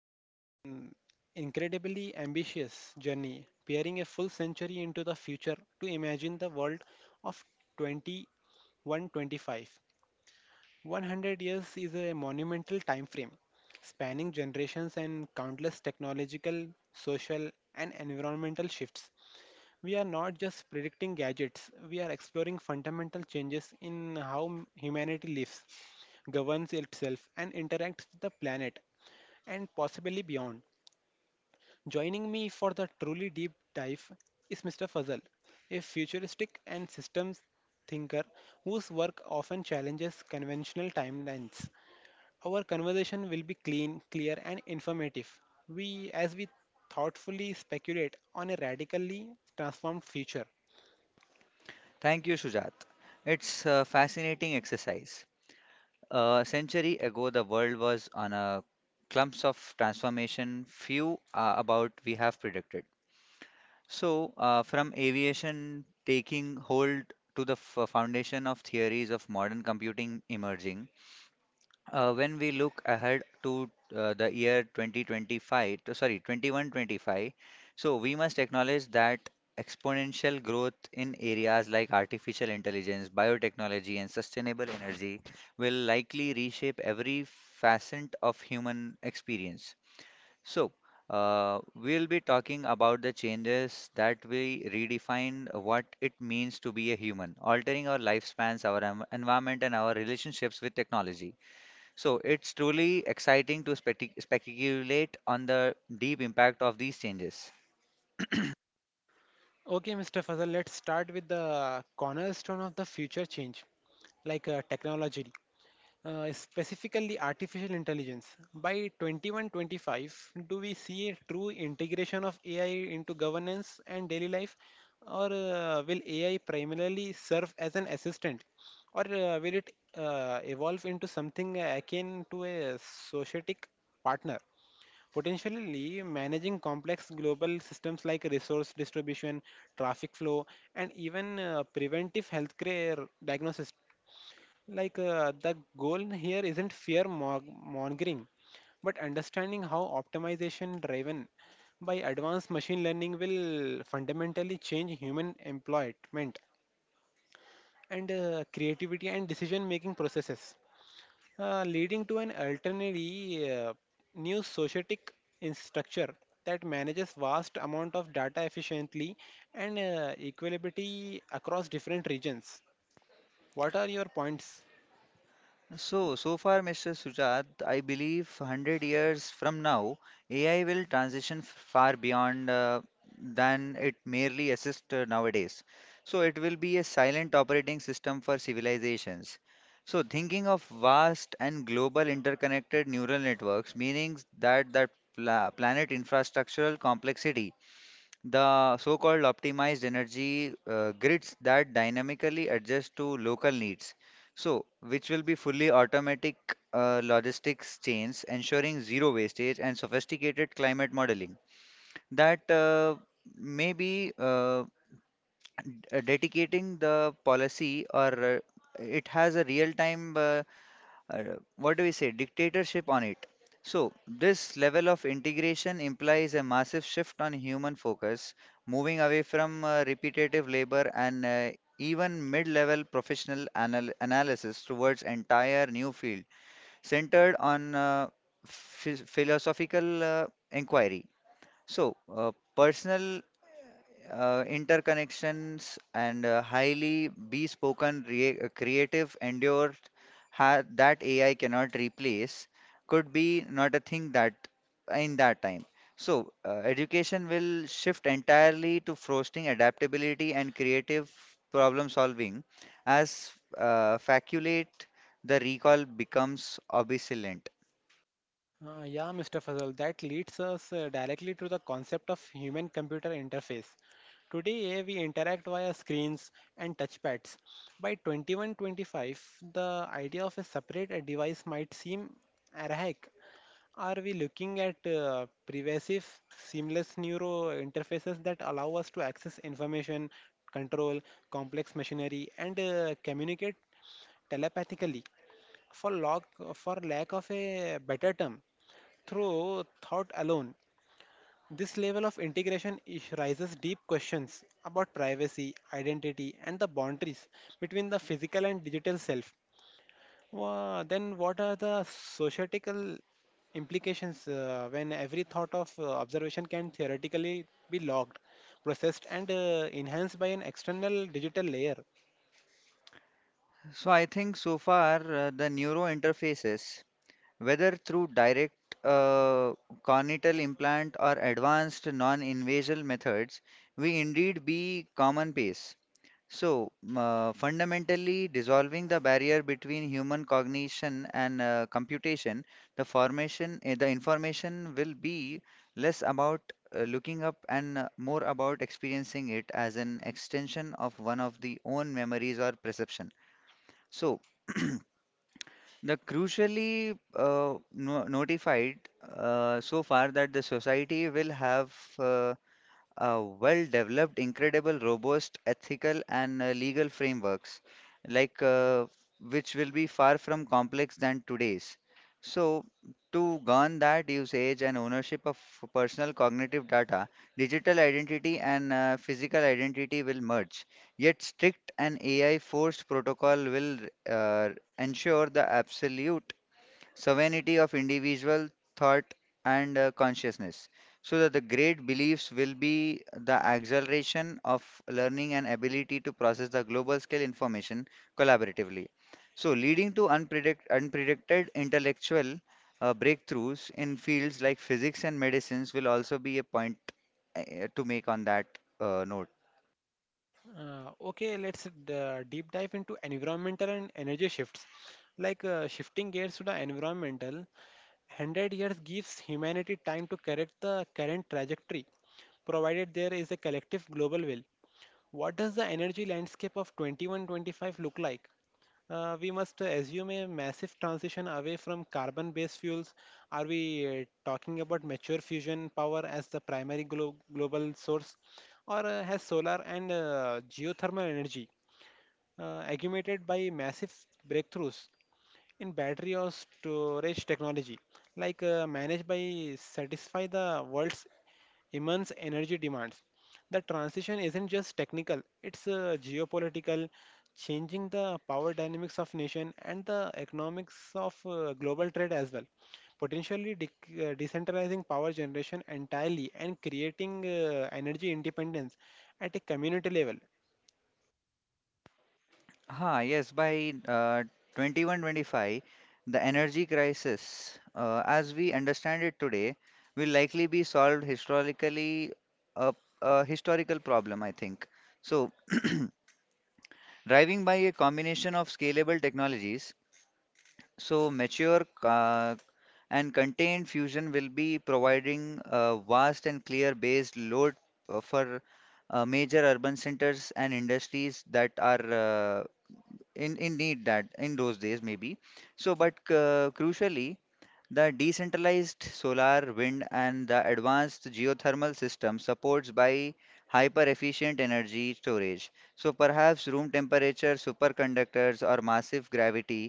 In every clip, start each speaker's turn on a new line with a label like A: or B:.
A: an incredibly ambitious journey, peering a full century into the future to imagine the world of 2125. 100 years is a monumental time frame, spanning generations and countless technological, social, and environmental shifts. We are not just predicting gadgets, we are exploring fundamental changes in how humanity lives, governs itself, and interacts with the planet, and possibly beyond. Joining me for the truly deep dive is Mr. Fazal, a futuristic and systems thinker whose work often challenges conventional timelines. Our conversation will be clean, clear, and informative. As we thoughtfully speculate on a radically transformed future.
B: Thank you, Shujat. It's a fascinating exercise. A century ago, the world was on a clumps of transformation few about we have predicted. From aviation taking hold to the foundation of theories of modern computing emerging, when we look ahead to the year 2025, sorry, 2125, so we must acknowledge that exponential growth in areas like artificial intelligence, biotechnology, and sustainable energy will likely reshape every facet of human experience. So, we'll be talking about the changes that we redefine what it means to be a human, altering our lifespans, our environment, and our relationships with technology. So it's truly exciting to speculate on the deep impact of these changes.
A: Okay, Mr. Fazal, let's start with the cornerstone of the future change, like technology. Specifically artificial intelligence. By 2125, do we see a true integration of AI into governance and daily life, or will AI primarily serve as an assistant, or will it evolve into something akin to a societic partner? Potentially managing complex global systems like resource distribution, traffic flow, and even preventive healthcare diagnosis, like the goal here isn't mongering, but understanding how optimization driven by advanced machine learning will fundamentally change human employment, and creativity, and decision making processes, leading to an alternately new societic in structure that manages vast amount of data efficiently and equability across different regions. What are your points?
B: So far, Mr. Sujat, I believe 100 years from now, AI will transition far beyond than it merely assists nowadays. So it will be a silent operating system for civilizations. So thinking of vast and global interconnected neural networks, meaning that the planet infrastructural complexity. The so-called optimized energy grids that dynamically adjust to local needs. So, which will be fully automatic logistics chains, ensuring zero wastage and sophisticated climate modeling. That may be d- Dedicating the policy or it has a real-time uh, what do we say, dictatorship on it. So, this level of integration implies a massive shift on human focus, moving away from repetitive labor and even mid level professional analysis towards entire new field centered on philosophical inquiry. Personal interconnections and highly bespoken creative endure that AI cannot replace could be not a thing that in that time. So education will shift entirely to fostering adaptability and creative problem solving as facultate the recall becomes obsolete.
A: Yeah, Mr. Fazal, that leads us directly to the concept of human computer interface. Today, we interact via screens and touchpads. By 2125, the idea of a separate device might seem archaic. Are we looking at pervasive, seamless neuro interfaces that allow us to access information, control complex machinery, and communicate telepathically? For, log, for lack of a better term, through thought alone, this level of integration raises deep questions about privacy, identity, and the boundaries between the physical and digital self. What are the societal implications when every thought of observation can theoretically be logged, processed, and enhanced by an external digital layer?
B: So I think so far, the neuro interfaces, whether through direct uh, corneal implant or advanced non-invasive methods, we indeed be commonplace. So, fundamentally dissolving the barrier between human cognition and computation, the information will be less about looking up and more about experiencing it as an extension of one of the own memories or perception. So, the crucially no notified so far that the society will have uh, well developed, incredible, robust, ethical, and legal frameworks, like which will be far from complex than today's. So, to govern that usage and ownership of personal cognitive data, digital identity and physical identity will merge. Yet, strict and AI forced protocol will uh, ensure the absolute sovereignty of individual thought and consciousness. So that the great beliefs will be the acceleration of learning and ability to process the global scale information collaboratively. So, leading to unpredicted intellectual breakthroughs in fields like physics and medicines will also be a point to make on that note.
A: Okay, let's deep dive into environmental and energy shifts. Like shifting gears to the environmental, 100 years gives humanity time to correct the current trajectory, provided there is a collective global will. What does the energy landscape of 2125 look like? We must assume a massive transition away from carbon based fuels. Are we talking about mature fusion power as the primary global source, or has solar and geothermal energy augmented by massive breakthroughs in battery or storage technology, like managed by satisfy the world's immense energy demands? The transition isn't just technical; it's geopolitical, changing the power dynamics of nation and the economics of global trade as well. Potentially decentralizing power generation entirely and creating energy independence at a community level.
B: Ha, yes, by 2125, the energy crisis, as we understand it today, will likely be solved historically, a, a historical problem, I think. So, driving by a combination of scalable technologies, so mature and contained fusion will be providing a vast and clear based load for major urban centers and industries that are in need that in those days maybe. But crucially the decentralized solar wind and the advanced geothermal system supports by hyper efficient energy storage, so perhaps room temperature superconductors or massive gravity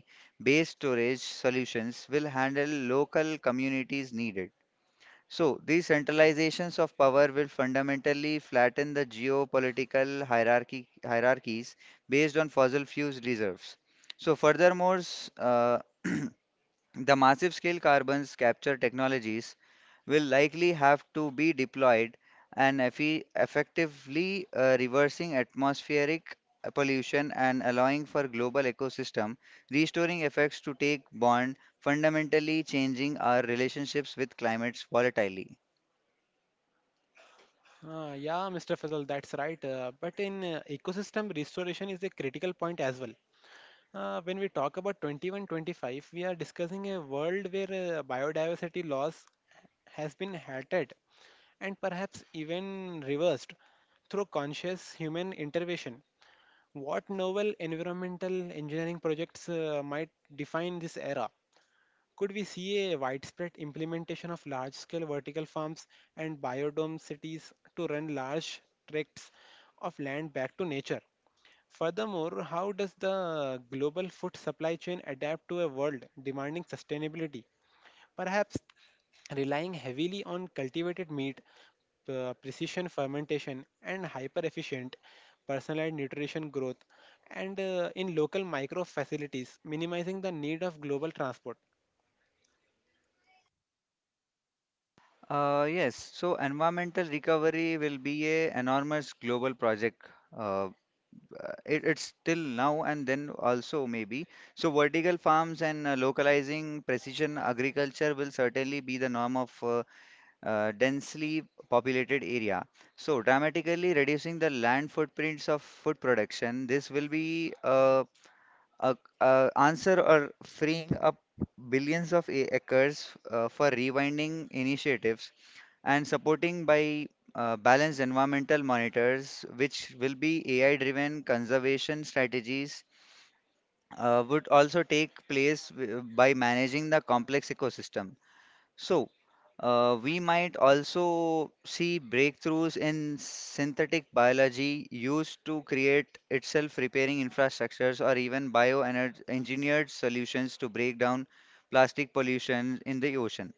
B: based storage solutions will handle local communities needed. So, these centralizations of power will fundamentally flatten the geopolitical hierarchies based on fossil fuels reserves. So, furthermore, the massive scale carbon capture technologies will likely have to be deployed and effectively reversing atmospheric pollution and allowing for global ecosystem restoring effects to take bond, fundamentally changing our relationships with climates volatilely.
A: Yeah, Mr. Fazal, that's right. But in Ecosystem restoration is a critical point as well. When we talk about 2125, we are discussing a world where biodiversity loss has been halted and perhaps even reversed through conscious human intervention. What novel environmental engineering projects might define this era? Could we see a widespread implementation of large scale vertical farms and biodome cities to run large tracts of land back to nature? Furthermore, how does the global food supply chain adapt to a world demanding sustainability? Perhaps relying heavily on cultivated meat, precision fermentation, and hyper efficient personalized nutrition growth, and in local micro facilities, minimizing the need of global transport.
B: Yes, so environmental recovery will be a enormous global project. Uh, it's till now and then also maybe. So vertical farms and localizing precision agriculture will certainly be the norm of densely populated area. So dramatically reducing the land footprints of food production. This will be a, a answer or freeing up billions of acres for rewinding initiatives and supporting by balanced environmental monitors, which will be AI-driven conservation strategies, would also take place by managing the complex ecosystem. So, we might also see breakthroughs in synthetic biology used to create itself repairing infrastructures or even bioengineered solutions to break down plastic pollution in the ocean.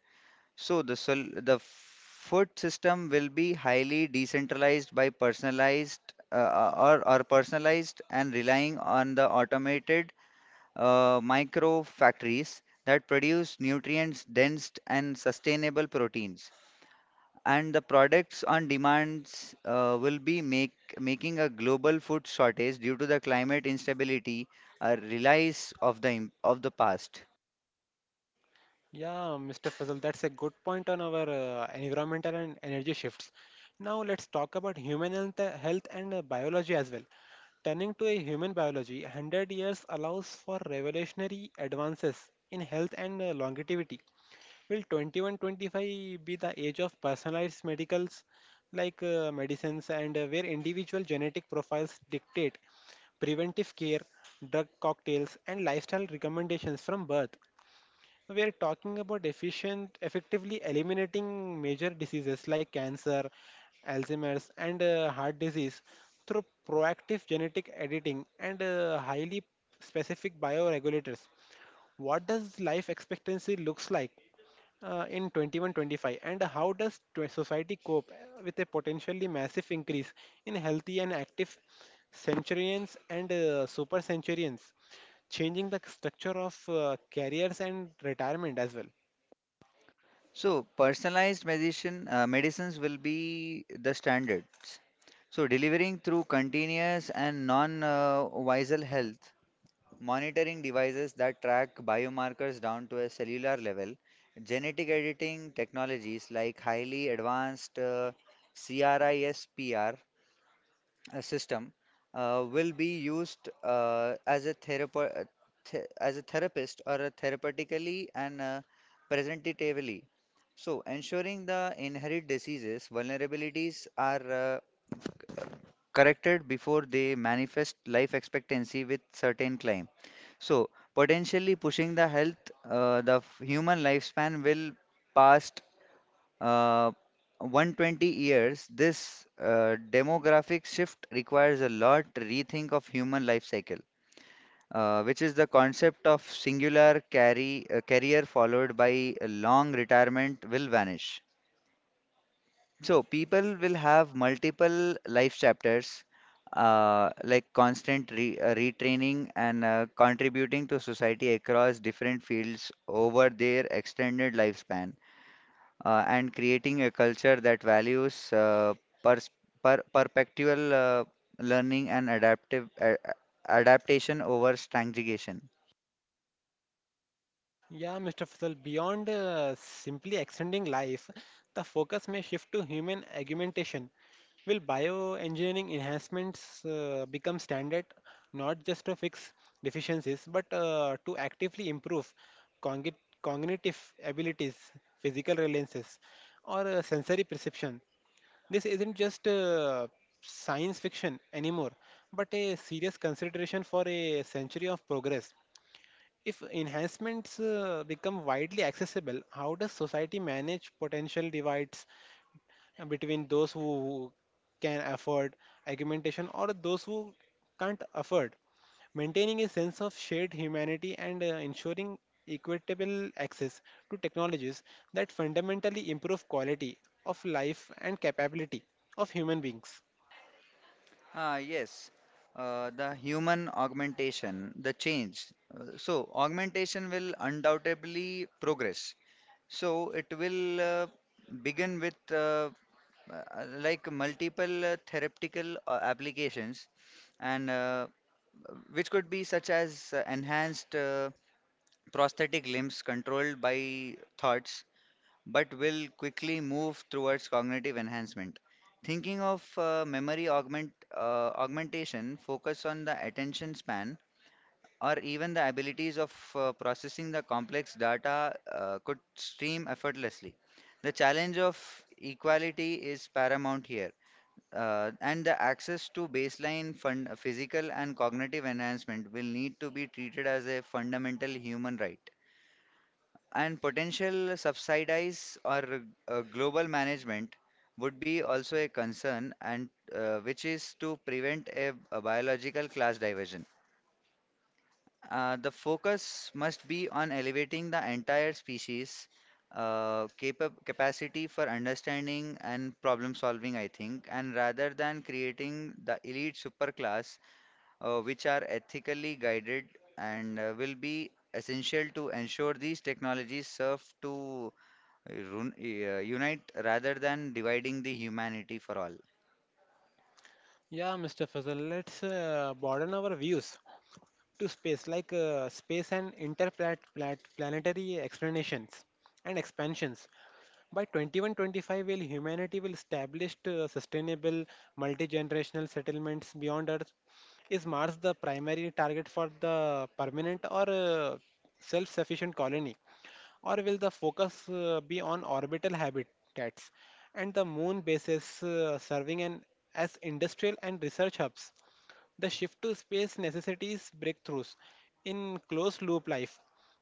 B: So, the food system will be highly decentralized by personalized or personalized and relying on the automated micro factories that produce nutrients dense and sustainable proteins and the products on demands will be making a global food shortage due to the climate instability a relies of the of the past.
A: Yeah, Mr. Fazal, that's a good point on our environmental and energy shifts. Now, let's talk about human health, health and biology as well. Turning to a human biology, 100 years allows for revolutionary advances in health and longevity. Will 2125 be the age of personalized medicals, like medicines, and where individual genetic profiles dictate preventive care, drug cocktails, and lifestyle recommendations from birth? We are talking about efficient, effectively eliminating major diseases like cancer, Alzheimer's, and heart disease through proactive genetic editing and highly specific bioregulators. What does life expectancy looks like in 2125, and how does society cope with a potentially massive increase in healthy and active centurions and super centurions, changing the structure of careers and retirement as well?
B: So personalized medicines will be the standards, so delivering through continuous and non visceral health monitoring devices that track biomarkers down to a cellular level. Genetic editing technologies like highly advanced CRISPR system will be used as a therapist or a therapeutically and presentatively. So, ensuring the inherent diseases vulnerabilities are uh, corrected before they manifest life expectancy with certain claims. So, potentially pushing the human lifespan will past uh, 120 years. This demographic shift requires a lot rethink of human life cycle, which is the concept of singular career followed by a long retirement will vanish. So people will have multiple life chapters, like constant re retraining and contributing to society across different fields over their extended lifespan, and creating a culture that values pers per perpetual learning and adaptive adaptation over stagnation.
A: Yeah, Mr. Faisal, beyond simply extending life, the focus may shift to human augmentation. Will bioengineering enhancements become standard, not just to fix deficiencies, but to actively improve cogni- cognitive abilities, physical reliances, or sensory perception? This isn't just science fiction anymore, but a serious consideration for a century of progress. If enhancements become widely accessible, how does society manage potential divides between those who can afford augmentation or those who can't afford? Maintaining a sense of shared humanity and ensuring equitable access to technologies that fundamentally improve quality of life and capability of human beings.
B: Ah, yes, the human augmentation, the change. So, augmentation will undoubtedly progress. So, it will begin with like multiple therapeutical applications, and which could be such as enhanced prosthetic limbs controlled by thoughts but will quickly move towards cognitive enhancement. Thinking of memory augmentation, focus on the attention span, or even the abilities of processing the complex data could stream effortlessly. The challenge of equality is paramount here, and the access to baseline physical and cognitive enhancement will need to be treated as a fundamental human right. And potential subsidies or global management would be also a concern, and which is to prevent a biological class diversion. The focus must be on elevating the entire species capacity for understanding and problem solving, I think, and rather than creating the elite superclass, which are ethically guided and will be essential to ensure these technologies serve to unite rather than dividing the humanity for all.
A: Yeah, Mr. Fazal, let's broaden our views to space, like space and interplanetary explanations and expansions. By 2125, will humanity will establish sustainable multi-generational settlements beyond Earth? Is Mars the primary target for the permanent or self-sufficient colony, or will the focus be on orbital habitats and the moon bases as industrial and research hubs? The shift to space necessitates breakthroughs in closed loop life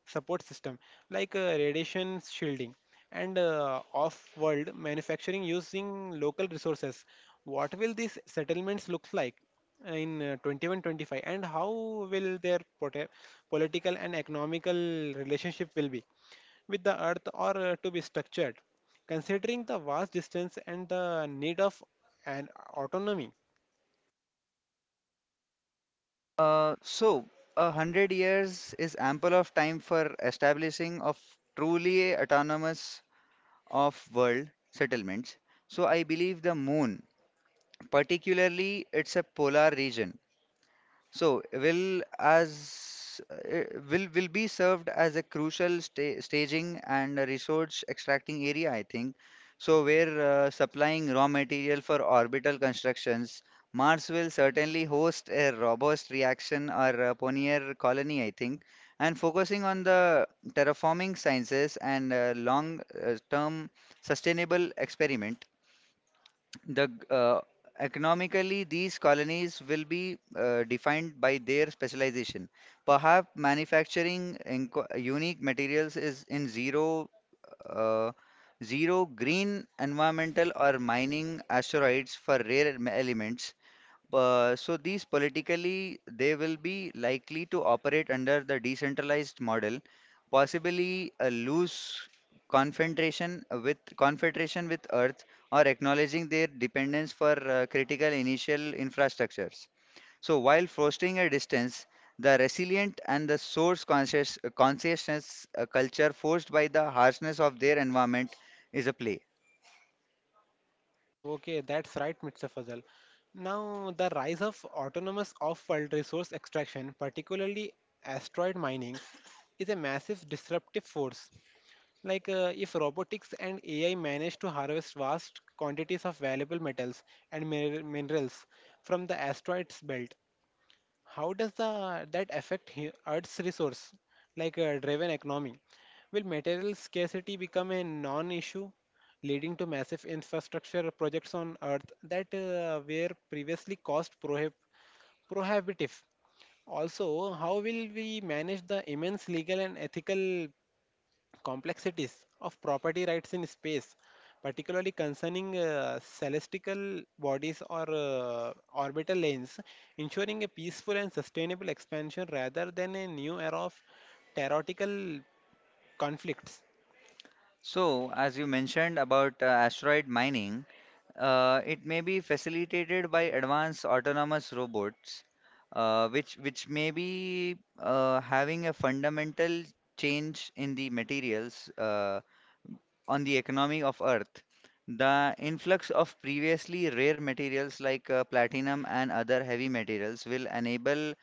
A: support system, like radiation shielding and off world manufacturing using local resources. What will these settlements look like in 2125, and how will their political and economical relationship will be with the earth, or to be structured considering the vast distance and the need of an autonomy?
B: So, a hundred years is ample of time for establishing of truly autonomous of world settlements. So, I believe the moon, particularly it's a polar region, So will as uh, will be served as a crucial staging and a resource extracting area, I think. So where supplying raw material for orbital constructions, Mars will certainly host a robust reaction or a pioneer colony, I think. And focusing on the terraforming sciences and long-term sustainable experiment. The Economically, these colonies will be defined by their specialization. Perhaps manufacturing unique materials is in uh, zero green environmental or mining asteroids for rare elements. So these politically, they will be likely to operate under the decentralized model, possibly a loose confederation with Earth, or acknowledging their dependence for critical initial infrastructures. So while fostering a distance, the resilient and the source conscious consciousness culture forced by the harshness of their environment is a play.
A: Okay, that's right, Mr. Fazal. Now, the rise of autonomous off-world resource extraction, particularly asteroid mining, is a massive disruptive force. Like, if robotics and AI manage to harvest vast quantities of valuable metals and minerals from the asteroids belt, how does the that affect Earth's resource, like a driven economy? Will material scarcity become a non-issue, leading to massive infrastructure projects on Earth that were previously prohibitive? Also, how will we manage the immense legal and ethical complexities of property rights in space, particularly concerning celestial bodies or orbital lanes, ensuring a peaceful and sustainable expansion rather than a new era of terrorical conflicts?
B: So as you mentioned about asteroid mining. It may be facilitated by advanced autonomous robots, which may be having a fundamental change in the materials on the economy of Earth. The influx of previously rare materials like platinum and other heavy materials will enable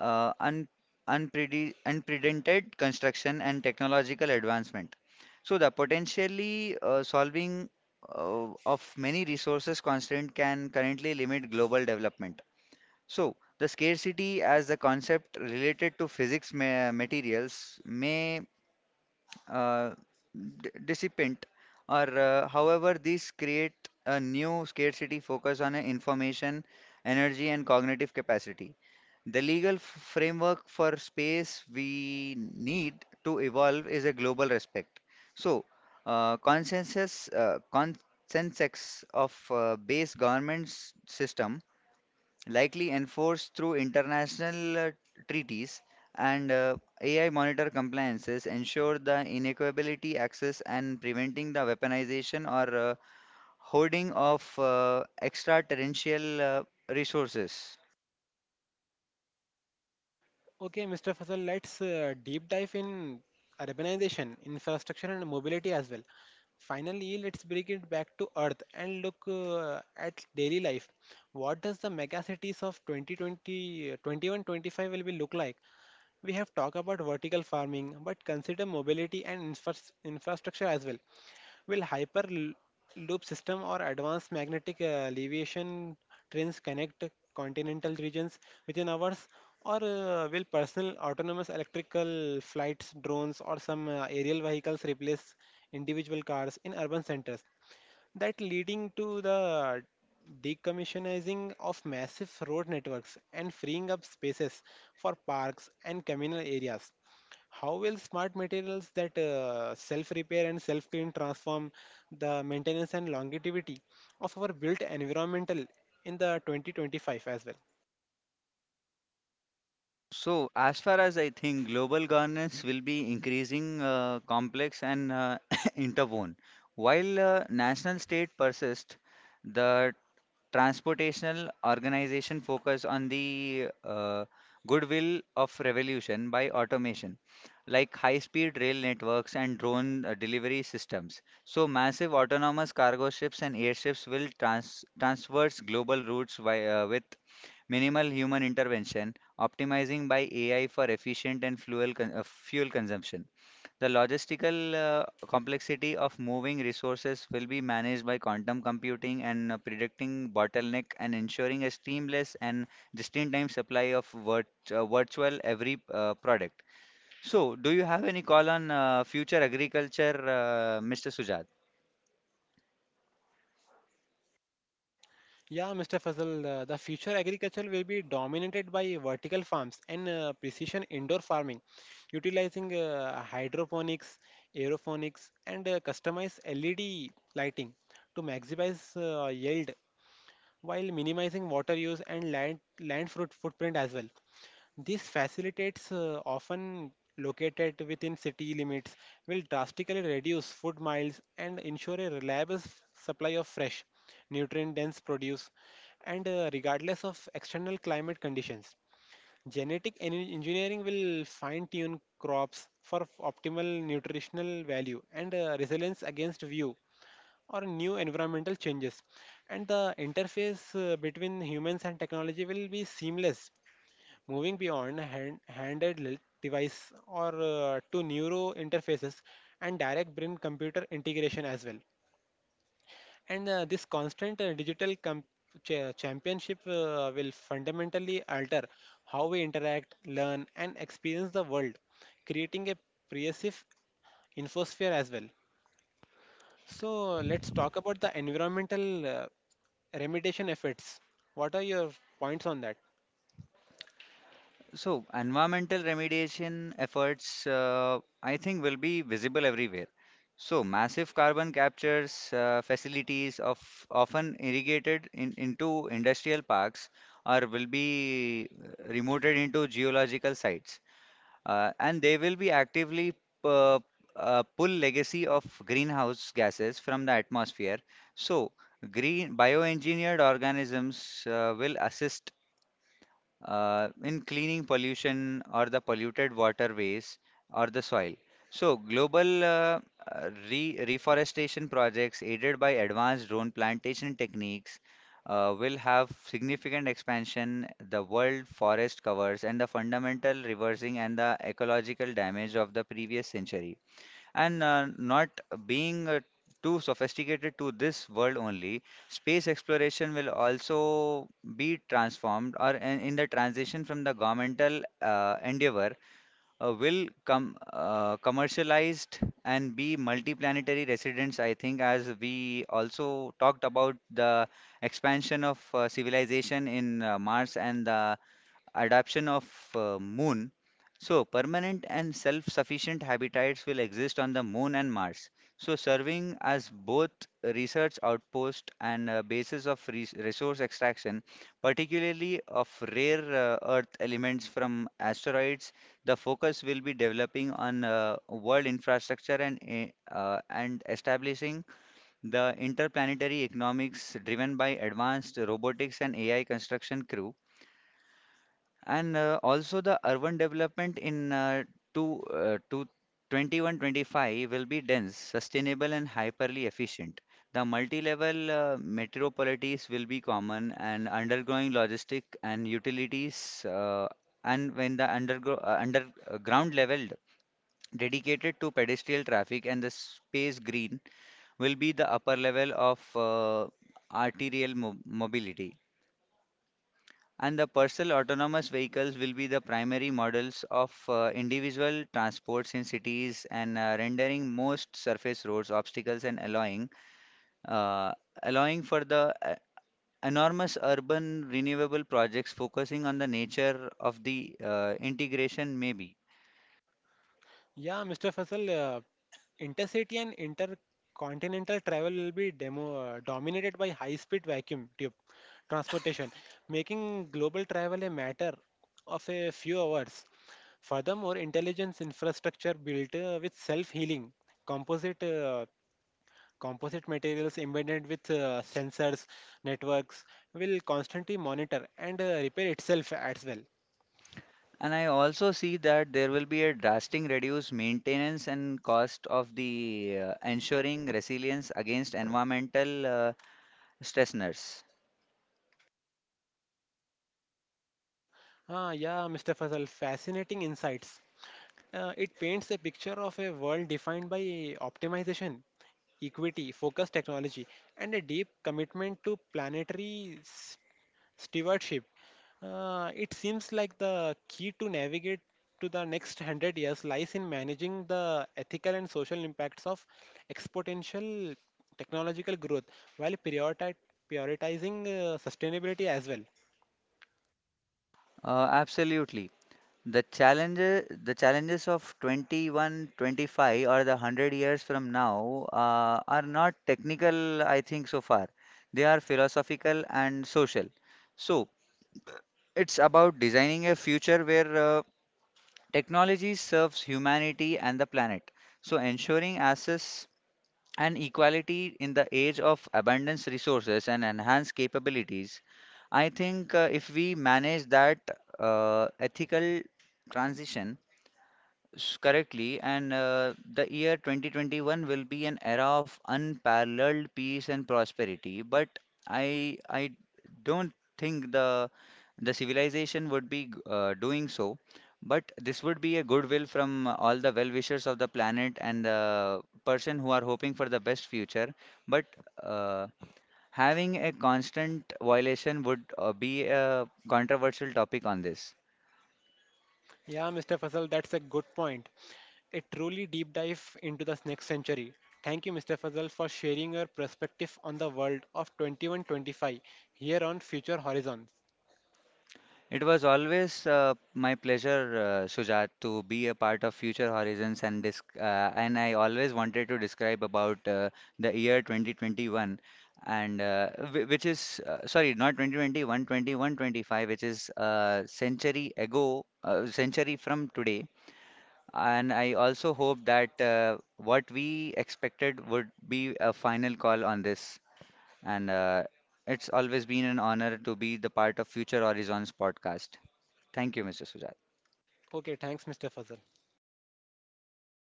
B: uh, un, unprecedented construction and technological advancement. So the potentially solving of many resources constraint can currently limit global development. So the scarcity as the concept related to physics materials may uh, dissipant or however these create a new scarcity focus on information, energy and cognitive capacity. The legal framework for space we need to evolve is a global respect. So consensus of base governance system likely enforced through international treaties and AI monitor compliances, ensure the inequality access and preventing the weaponization or hoarding of extraterrestrial resources.
A: Okay, Mr. Fasal, let's deep dive in urbanization, infrastructure, and mobility as well. Finally, let's bring it back to Earth and look at daily life. What does the megacities of 2020, 25 will be look like? We have talked about vertical farming, but consider mobility and infrastructure as well. Will hyperloop system or advanced magnetic leviation trains connect continental regions within hours, or will personal autonomous electrical flights, drones, or some aerial vehicles replace individual cars in urban centers, that leading to the decommissioning of massive road networks and freeing up spaces for parks and communal areas? How will smart materials that self repair and self clean transform the maintenance and longevity of our built environmental in the 2025 as well?
B: So, as far as I think, global governance will be increasing complex and interwoven. While national state persist, the transportational organization focus on the goodwill of revolution by automation, like high-speed rail networks and drone delivery systems. So massive autonomous cargo ships and airships will transverse global routes with minimal human intervention, optimizing by AI for efficient and fuel consumption. The logistical complexity of moving resources will be managed by quantum computing and predicting bottleneck and ensuring a seamless and just-in-time supply of virtual every product. So, do you have any call on future agriculture, Mr. Sujat?
A: Yeah, Mr. Fazal, the future agriculture will be dominated by vertical farms and precision indoor farming, utilizing hydroponics, aeroponics, and customized LED lighting to maximize yield while minimizing water use and land fruit footprint as well. These facilitates often located within city limits will drastically reduce food miles and ensure a reliable supply of fresh, nutrient dense produce and regardless of external climate conditions. Genetic engineering will fine tune crops for optimal nutritional value and resilience against view or new environmental changes. And the interface between humans and technology will be seamless, moving beyond handheld device or to neuro interfaces and direct brain computer integration as well. And this constant digital championship will fundamentally alter how we interact, learn, and experience the world, creating a pervasive infosphere as well. So let's talk about the environmental remediation efforts. What are your points on that?
B: So, environmental remediation efforts, I think, will be visible everywhere. So, massive carbon captures facilities of often irrigated into industrial parks or will be remoted into geological sites, and they will be actively uh, pull legacy of greenhouse gases from the atmosphere. So, green bioengineered organisms will assist in cleaning pollution or the polluted waterways or the soil. So, global re reforestation projects aided by advanced drone plantation techniques will have significant expansion, the world forest covers, and the fundamental reversing and the ecological damage of the previous century and not being too sophisticated to this world only space exploration will also be transformed or in the transition from the governmental endeavor will come commercialized and be multiplanetary residents. I think, as we also talked about the expansion of civilization in Mars and the adaptation of moon. So permanent and self-sufficient habitats will exist on the moon and Mars, so serving as both research outpost and basis of resource extraction, particularly of rare earth elements from asteroids. The focus will be developing on world infrastructure and and establishing the interplanetary economics driven by advanced robotics and AI construction crew. And also the urban development in two, uh, two, 2125 will be dense, sustainable and hyperly efficient. The multi-level metropolities will be common and undergoing logistic and utilities and when the underground level dedicated to pedestrian traffic and the space green will be the upper level of arterial mo mobility. And the personal autonomous vehicles will be the primary models of individual transports in cities and rendering most surface roads obstacles and uh, allowing for the enormous urban renewable projects focusing on the nature of the integration maybe.
A: Yeah, Mr. Faisal, intercity and intercontinental travel will be dominated by high speed vacuum tube transportation, making global travel a matter of a few hours. Furthermore, intelligence infrastructure built with self healing, composite. Uh, composite materials embedded with sensors networks will constantly monitor and repair itself as well.
B: And I also see that there will be a drastic reduced maintenance and cost of the ensuring resilience against environmental stressors.
A: Ah, yeah, Mr. Fazal, fascinating insights. It paints a picture of a world defined by optimization, equity, focused technology, and a deep commitment to planetary stewardship. It seems like the key to navigate to the next 100 years lies in managing the ethical and social impacts of exponential technological growth while prioritizing sustainability as well.
B: Absolutely. The challenges of 21, 25, or the 100 years from now are not technical, I think, so far. They are philosophical and social. So it's about designing a future where technology serves humanity and the planet. So ensuring access and equality in the age of abundance resources and enhanced capabilities. I think if we manage that ethical transition, correctly, and the year 2021 will be an era of unparalleled peace and prosperity. But I don't think the civilization would be doing so. But this would be a goodwill from all the well-wishers of the planet and the person who are hoping for the best future. But uh, having a constant violation would be a controversial topic on this.
A: Yeah, Mr. Fasal, that's a good point. A truly deep dive into the next century. Thank you, Mr. Fazal, for sharing your perspective on the world of 2125 here on Future Horizons.
B: It was always my pleasure, Shujat, to be a part of Future Horizons, and disc and I always wanted to describe about the year 2021, and which is sorry, not 2021, 2125, which is a century ago, century from today. And I also hope that what we expected would be a final call on this, and it's always been an honor to be the part of Future Horizons podcast. Thank you, Mr. Sujat.
A: Okay, thanks, Mr. Fazal.